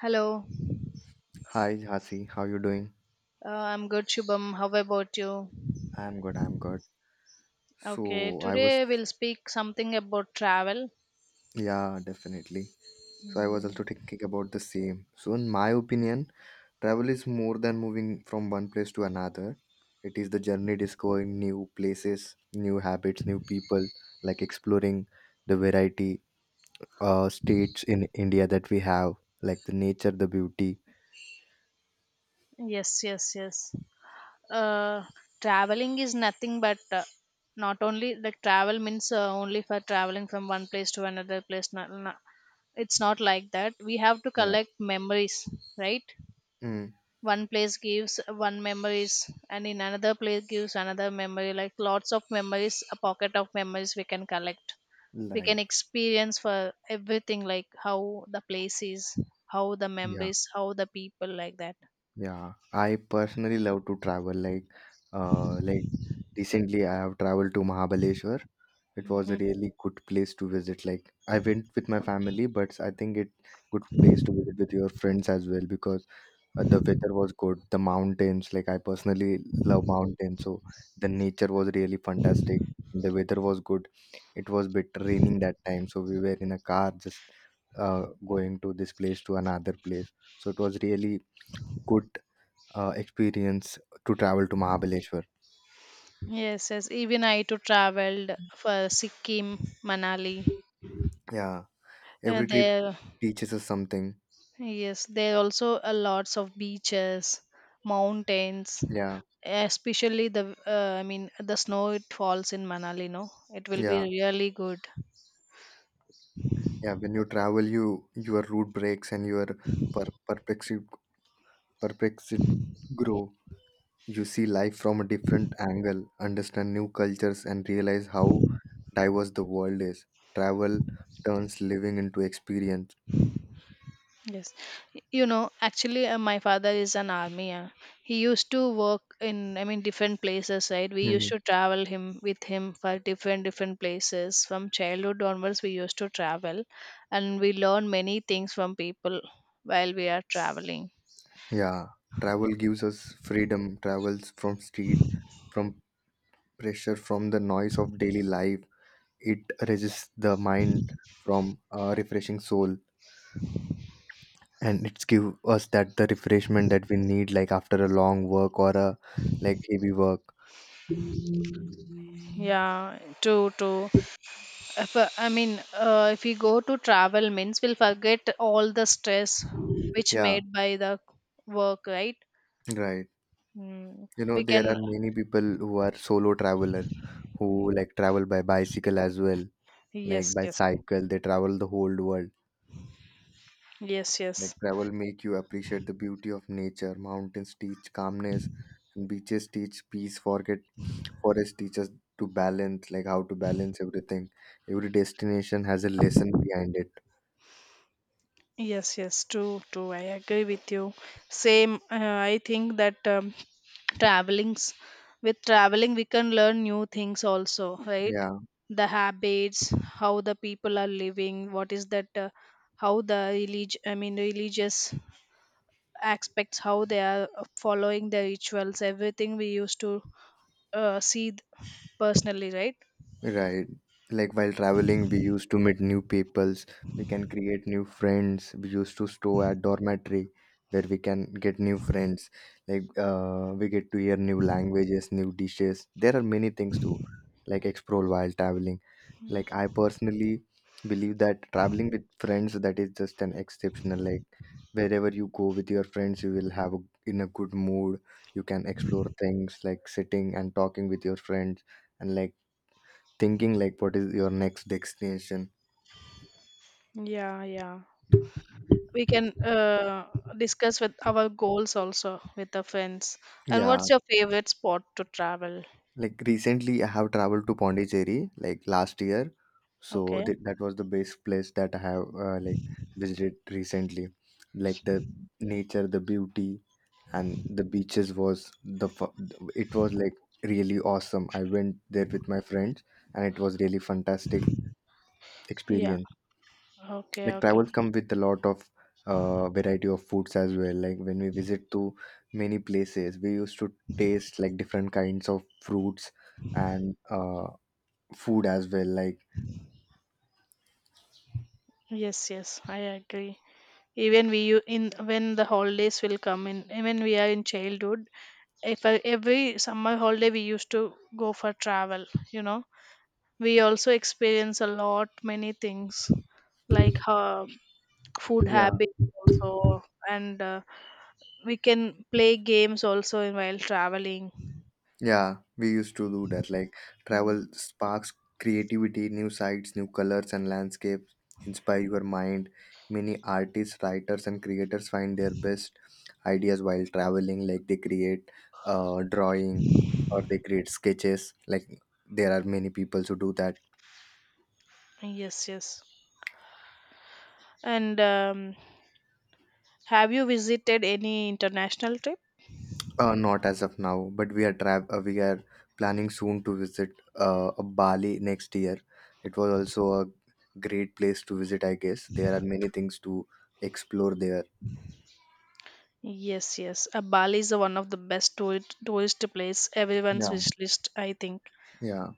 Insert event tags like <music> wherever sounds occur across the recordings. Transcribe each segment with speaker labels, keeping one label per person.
Speaker 1: Hello,
Speaker 2: Hi, Hasi. How you doing?
Speaker 1: I'm good, Shubham. How about you?
Speaker 2: I'm good. I'm good.
Speaker 1: Okay,
Speaker 2: So I was,
Speaker 1: today we'll speak something about travel.
Speaker 2: yeah, definitely. So I was also thinking about the same. So in my opinion, travel is more than moving from one place to another. It is the journey discovering new places, new habits, new people, like exploring the variety states in India that we have, like the nature, the beauty.
Speaker 1: Yes, yes, yes. Uh, Traveling is nothing but not only like travel means only for traveling from one place to another place. No, no, it's not like that. We have to
Speaker 2: Yeah.
Speaker 1: collect memories, right?
Speaker 2: Mm,
Speaker 1: One place gives one memories, and in another place gives another memory. Like lots of memories, a pocket of memories we can collect we can
Speaker 2: like
Speaker 1: experience for everything like how the place is how the
Speaker 2: yeah,
Speaker 1: members how the people like that.
Speaker 2: yeah. I personally love to travel, uh like Recently, I have traveled to Mahabaleshwar. It was a
Speaker 1: Mhm.
Speaker 2: really good place to visit. Like I went with my family, but I think it good place to visit with your friends as well because the weather was good. The mountains, like I personally love mountains, so the nature was really fantastic. The weather was good. It was bit raining that time, so we were in a car just uh, going to this place to another place. So it was really good experience to travel to Mahabaleshwar.
Speaker 1: Yes, yes, even I too traveled for Sikkim, Manali.
Speaker 2: Yeah. Every trip
Speaker 1: There
Speaker 2: teaches us something.
Speaker 1: Yes, there are also a lots of beaches, mountains,
Speaker 2: Yeah,
Speaker 1: especially the uh, i mean the snow it falls in Manali, no, it will be
Speaker 2: yeah,
Speaker 1: really good.
Speaker 2: yeah. When you travel, you your route breaks and your perplexity perplexity grow. You see life from a different angle, understand new cultures, and realize how diverse the world is. Travel turns living into experience.
Speaker 1: Yes, you know, actually, my father is an army. He used to work in, I mean, different places, right? We used
Speaker 2: Hmm.
Speaker 1: to travel him for different different places. From childhood onwards, we used to travel, and we learn many things from people while we are traveling.
Speaker 2: Yeah, travel gives us freedom. Travels from street, from pressure, from the noise of daily life. It resists the mind from a refreshing soul. And it's give us that the refreshment that we need like after a long work or a like heavy work.
Speaker 1: Yeah, if, I mean, if we go to travel, means we'll forget all the stress which
Speaker 2: Yeah,
Speaker 1: made by the work, right?
Speaker 2: right.
Speaker 1: Mm.
Speaker 2: You know
Speaker 1: We
Speaker 2: there
Speaker 1: can,
Speaker 2: are many people who are solo traveler who like travel by bicycle as well, like
Speaker 1: yes,
Speaker 2: by
Speaker 1: yes,
Speaker 2: cycle they travel the whole world.
Speaker 1: yes, yes.
Speaker 2: Like travel make you appreciate the beauty of nature. Mountains teach calmness, and beaches teach peace. Forget forest teaches to balance, like how to balance everything. Every destination has a lesson behind it.
Speaker 1: Yes, yes, true, true. I agree with you. Same. I think that travelings with traveling we can learn new things also, right?
Speaker 2: Yeah.
Speaker 1: The habits, how the people are living, what is that, how the I mean religious aspects, how they are following the rituals, everything we used to uh, see th- personally, right?
Speaker 2: Right. Like while traveling, we used to meet new peoples. We can create new friends. We used to stay at dormitory where we can get new friends. Like we get to hear new languages, new dishes. There are many things to like explore while traveling. Like I personally believe that traveling with friends that is just an exceptional. Like wherever you go with your friends, you will have a, in a good mood. You can explore things like sitting and talking with your friends and like thinking like what is your next destination?
Speaker 1: Yeah, yeah. We can discuss with our goals also with the friends. And
Speaker 2: Yeah,
Speaker 1: what's your favorite spot to travel?
Speaker 2: like recently I have traveled to Pondicherry like last year. So
Speaker 1: Okay.
Speaker 2: that was the best place that I have like visited recently. Like the nature, the beauty and the beaches was the it was like really awesome. I went there with my friends and it was really fantastic
Speaker 1: Yeah.
Speaker 2: experience.
Speaker 1: Okay.
Speaker 2: Like
Speaker 1: Okay.
Speaker 2: travels come with a lot of variety of foods as well, like when we visit to many places we used to taste like different kinds of fruits and food as well like
Speaker 1: Yes. Yes. I agree. Even in when the holidays will come in, even we are in childhood, if I, every summer holiday we used to go for travel. You know, we also experience a lot many things like food
Speaker 2: yeah.
Speaker 1: habits also and we can play games also while traveling.
Speaker 2: Yeah, we used to do that. Like
Speaker 1: Mm.
Speaker 2: travel sparks creativity, new sights, new colors and landscapes, inspire your mind. Many artists, writers, and creators find their best ideas while traveling. Like they create drawing or they create sketches. Like there are many people who do that.
Speaker 1: Yes, yes, and have you visited any international trip?
Speaker 2: Not as of now, but we are we are planning soon to visit Bali next year. It was also a great place to visit, I guess. There are many things to explore there.
Speaker 1: Yes, yes, Bali is one of the best tourist, tourist place, everyone's
Speaker 2: Yeah,
Speaker 1: wish list, I think.
Speaker 2: yeah,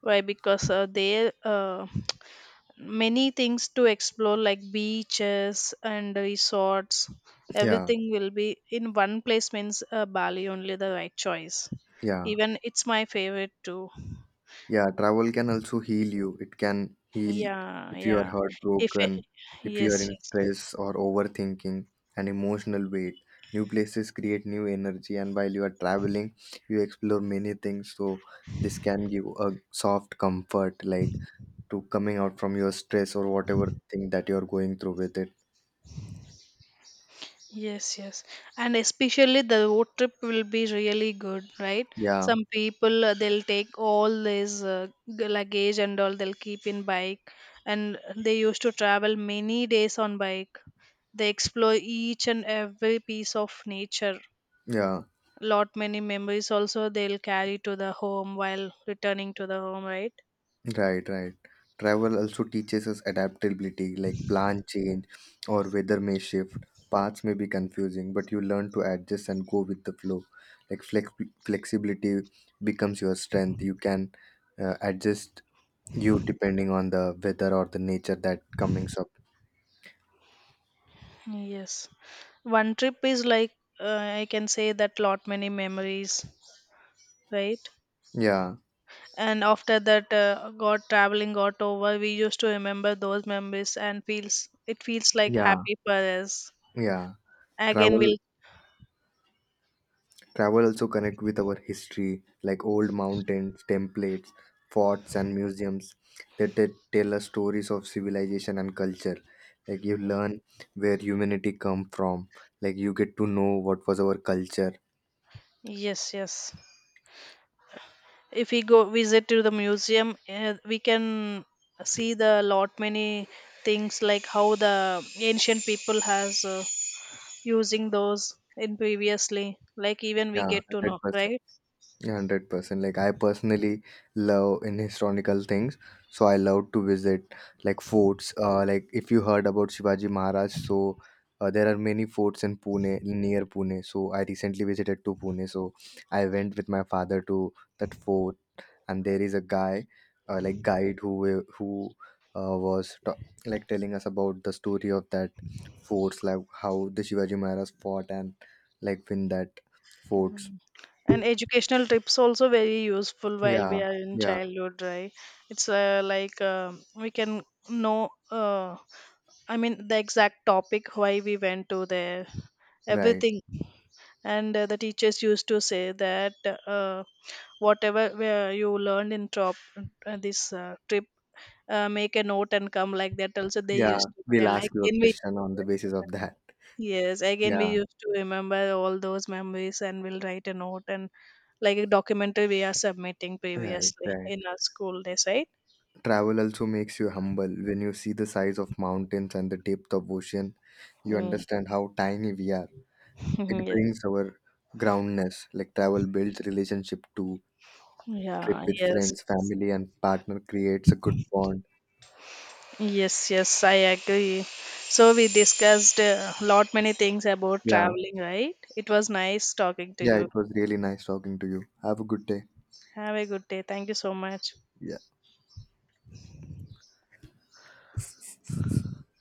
Speaker 1: Why? Because there many things to explore, like beaches and resorts,
Speaker 2: yeah,
Speaker 1: everything will be in one place. Means Bali only the right choice.
Speaker 2: yeah.
Speaker 1: Even it's my favorite too.
Speaker 2: Yeah, travel can also heal you. It can heal
Speaker 1: Yeah,
Speaker 2: if you are
Speaker 1: yeah. if
Speaker 2: heartbroken, if you are
Speaker 1: Yes,
Speaker 2: in
Speaker 1: yes,
Speaker 2: stress or overthinking and emotional weight. New places create new energy, and while you are traveling, you explore many things. So, this can give a soft comfort, like to coming out from your stress or whatever thing that you are going through with it.
Speaker 1: yes, yes, and especially the road trip will be really good, right?
Speaker 2: Yeah,
Speaker 1: Some people they'll take all this luggage and all, they'll keep in bike, and they used to travel many days on bike. They explore each and every piece of nature.
Speaker 2: yeah.
Speaker 1: Lot many memories also they'll carry to the home while returning to the home, right?
Speaker 2: Right, right. Travel also teaches us adaptability, like plan change or weather may shift. Paths may be confusing, but you learn to adjust and go with the flow. Like flexibility becomes your strength. You can adjust you depending on the weather or the nature that comings up.
Speaker 1: Yes, one trip is like, uh, I can say that lot many memories, right?
Speaker 2: Yeah,
Speaker 1: And after that, got traveling got over, we used to remember those memories and feels like
Speaker 2: yeah,
Speaker 1: happy for us.
Speaker 2: yeah.
Speaker 1: Again
Speaker 2: Travel
Speaker 1: we'll
Speaker 2: Travel also connect with our history, like old mountains, templates, forts, and museums. That They tell us stories of civilization and culture. Like you learn where humanity come from. Like you get to know what was our culture.
Speaker 1: Yes, yes, if we go visit to the museum, we can see the lot many things like how the ancient people has using those in previously, like even we
Speaker 2: Yeah,
Speaker 1: get to know,
Speaker 2: 100%.
Speaker 1: right?
Speaker 2: Yeah, 100% like I personally love in historical things, so I love to visit like forts, like if you heard about Shivaji Maharaj. So there are many forts in Pune near Pune, so I recently visited to Pune. So I went with my father to that fort, and there is a guy, like guide who uh, was ta- like telling us about the story of that forts, like how the Shivaji Maharaj fought and like win that forts.
Speaker 1: And educational trips also very useful while we
Speaker 2: Yeah,
Speaker 1: are in
Speaker 2: yeah.
Speaker 1: childhood, right? It's we can know, I mean the exact topic why we went to there,
Speaker 2: Right.
Speaker 1: everything. And the teachers used to say that uh, whatever you learned in this trip, make a note and come, like that also they
Speaker 2: Yeah,
Speaker 1: used to
Speaker 2: we'll
Speaker 1: tell like
Speaker 2: ask you a
Speaker 1: in me.
Speaker 2: question on the basis of that.
Speaker 1: Yes, again, we
Speaker 2: Yeah,
Speaker 1: used to remember all those memories and we'll write a note and like a documentary we are submitting
Speaker 2: right,
Speaker 1: previously
Speaker 2: right.
Speaker 1: in our school days, right?
Speaker 2: Travel also makes you humble. When you see the size of mountains and the depth of ocean, you
Speaker 1: Mm.
Speaker 2: understand how tiny we are. It
Speaker 1: <laughs> Yes.
Speaker 2: brings our groundness. Like travel builds relationship too. Trip
Speaker 1: Yeah,
Speaker 2: with
Speaker 1: yes,
Speaker 2: friends,
Speaker 1: yes.
Speaker 2: family, and partner creates a good bond.
Speaker 1: Yes, yes, I agree. So we discussed a lot many things about
Speaker 2: Yeah,
Speaker 1: traveling, right? It was nice talking to
Speaker 2: yeah,
Speaker 1: you.
Speaker 2: it was really nice talking to you. Have a good day.
Speaker 1: Have a good day. Thank you so much.
Speaker 2: Yeah.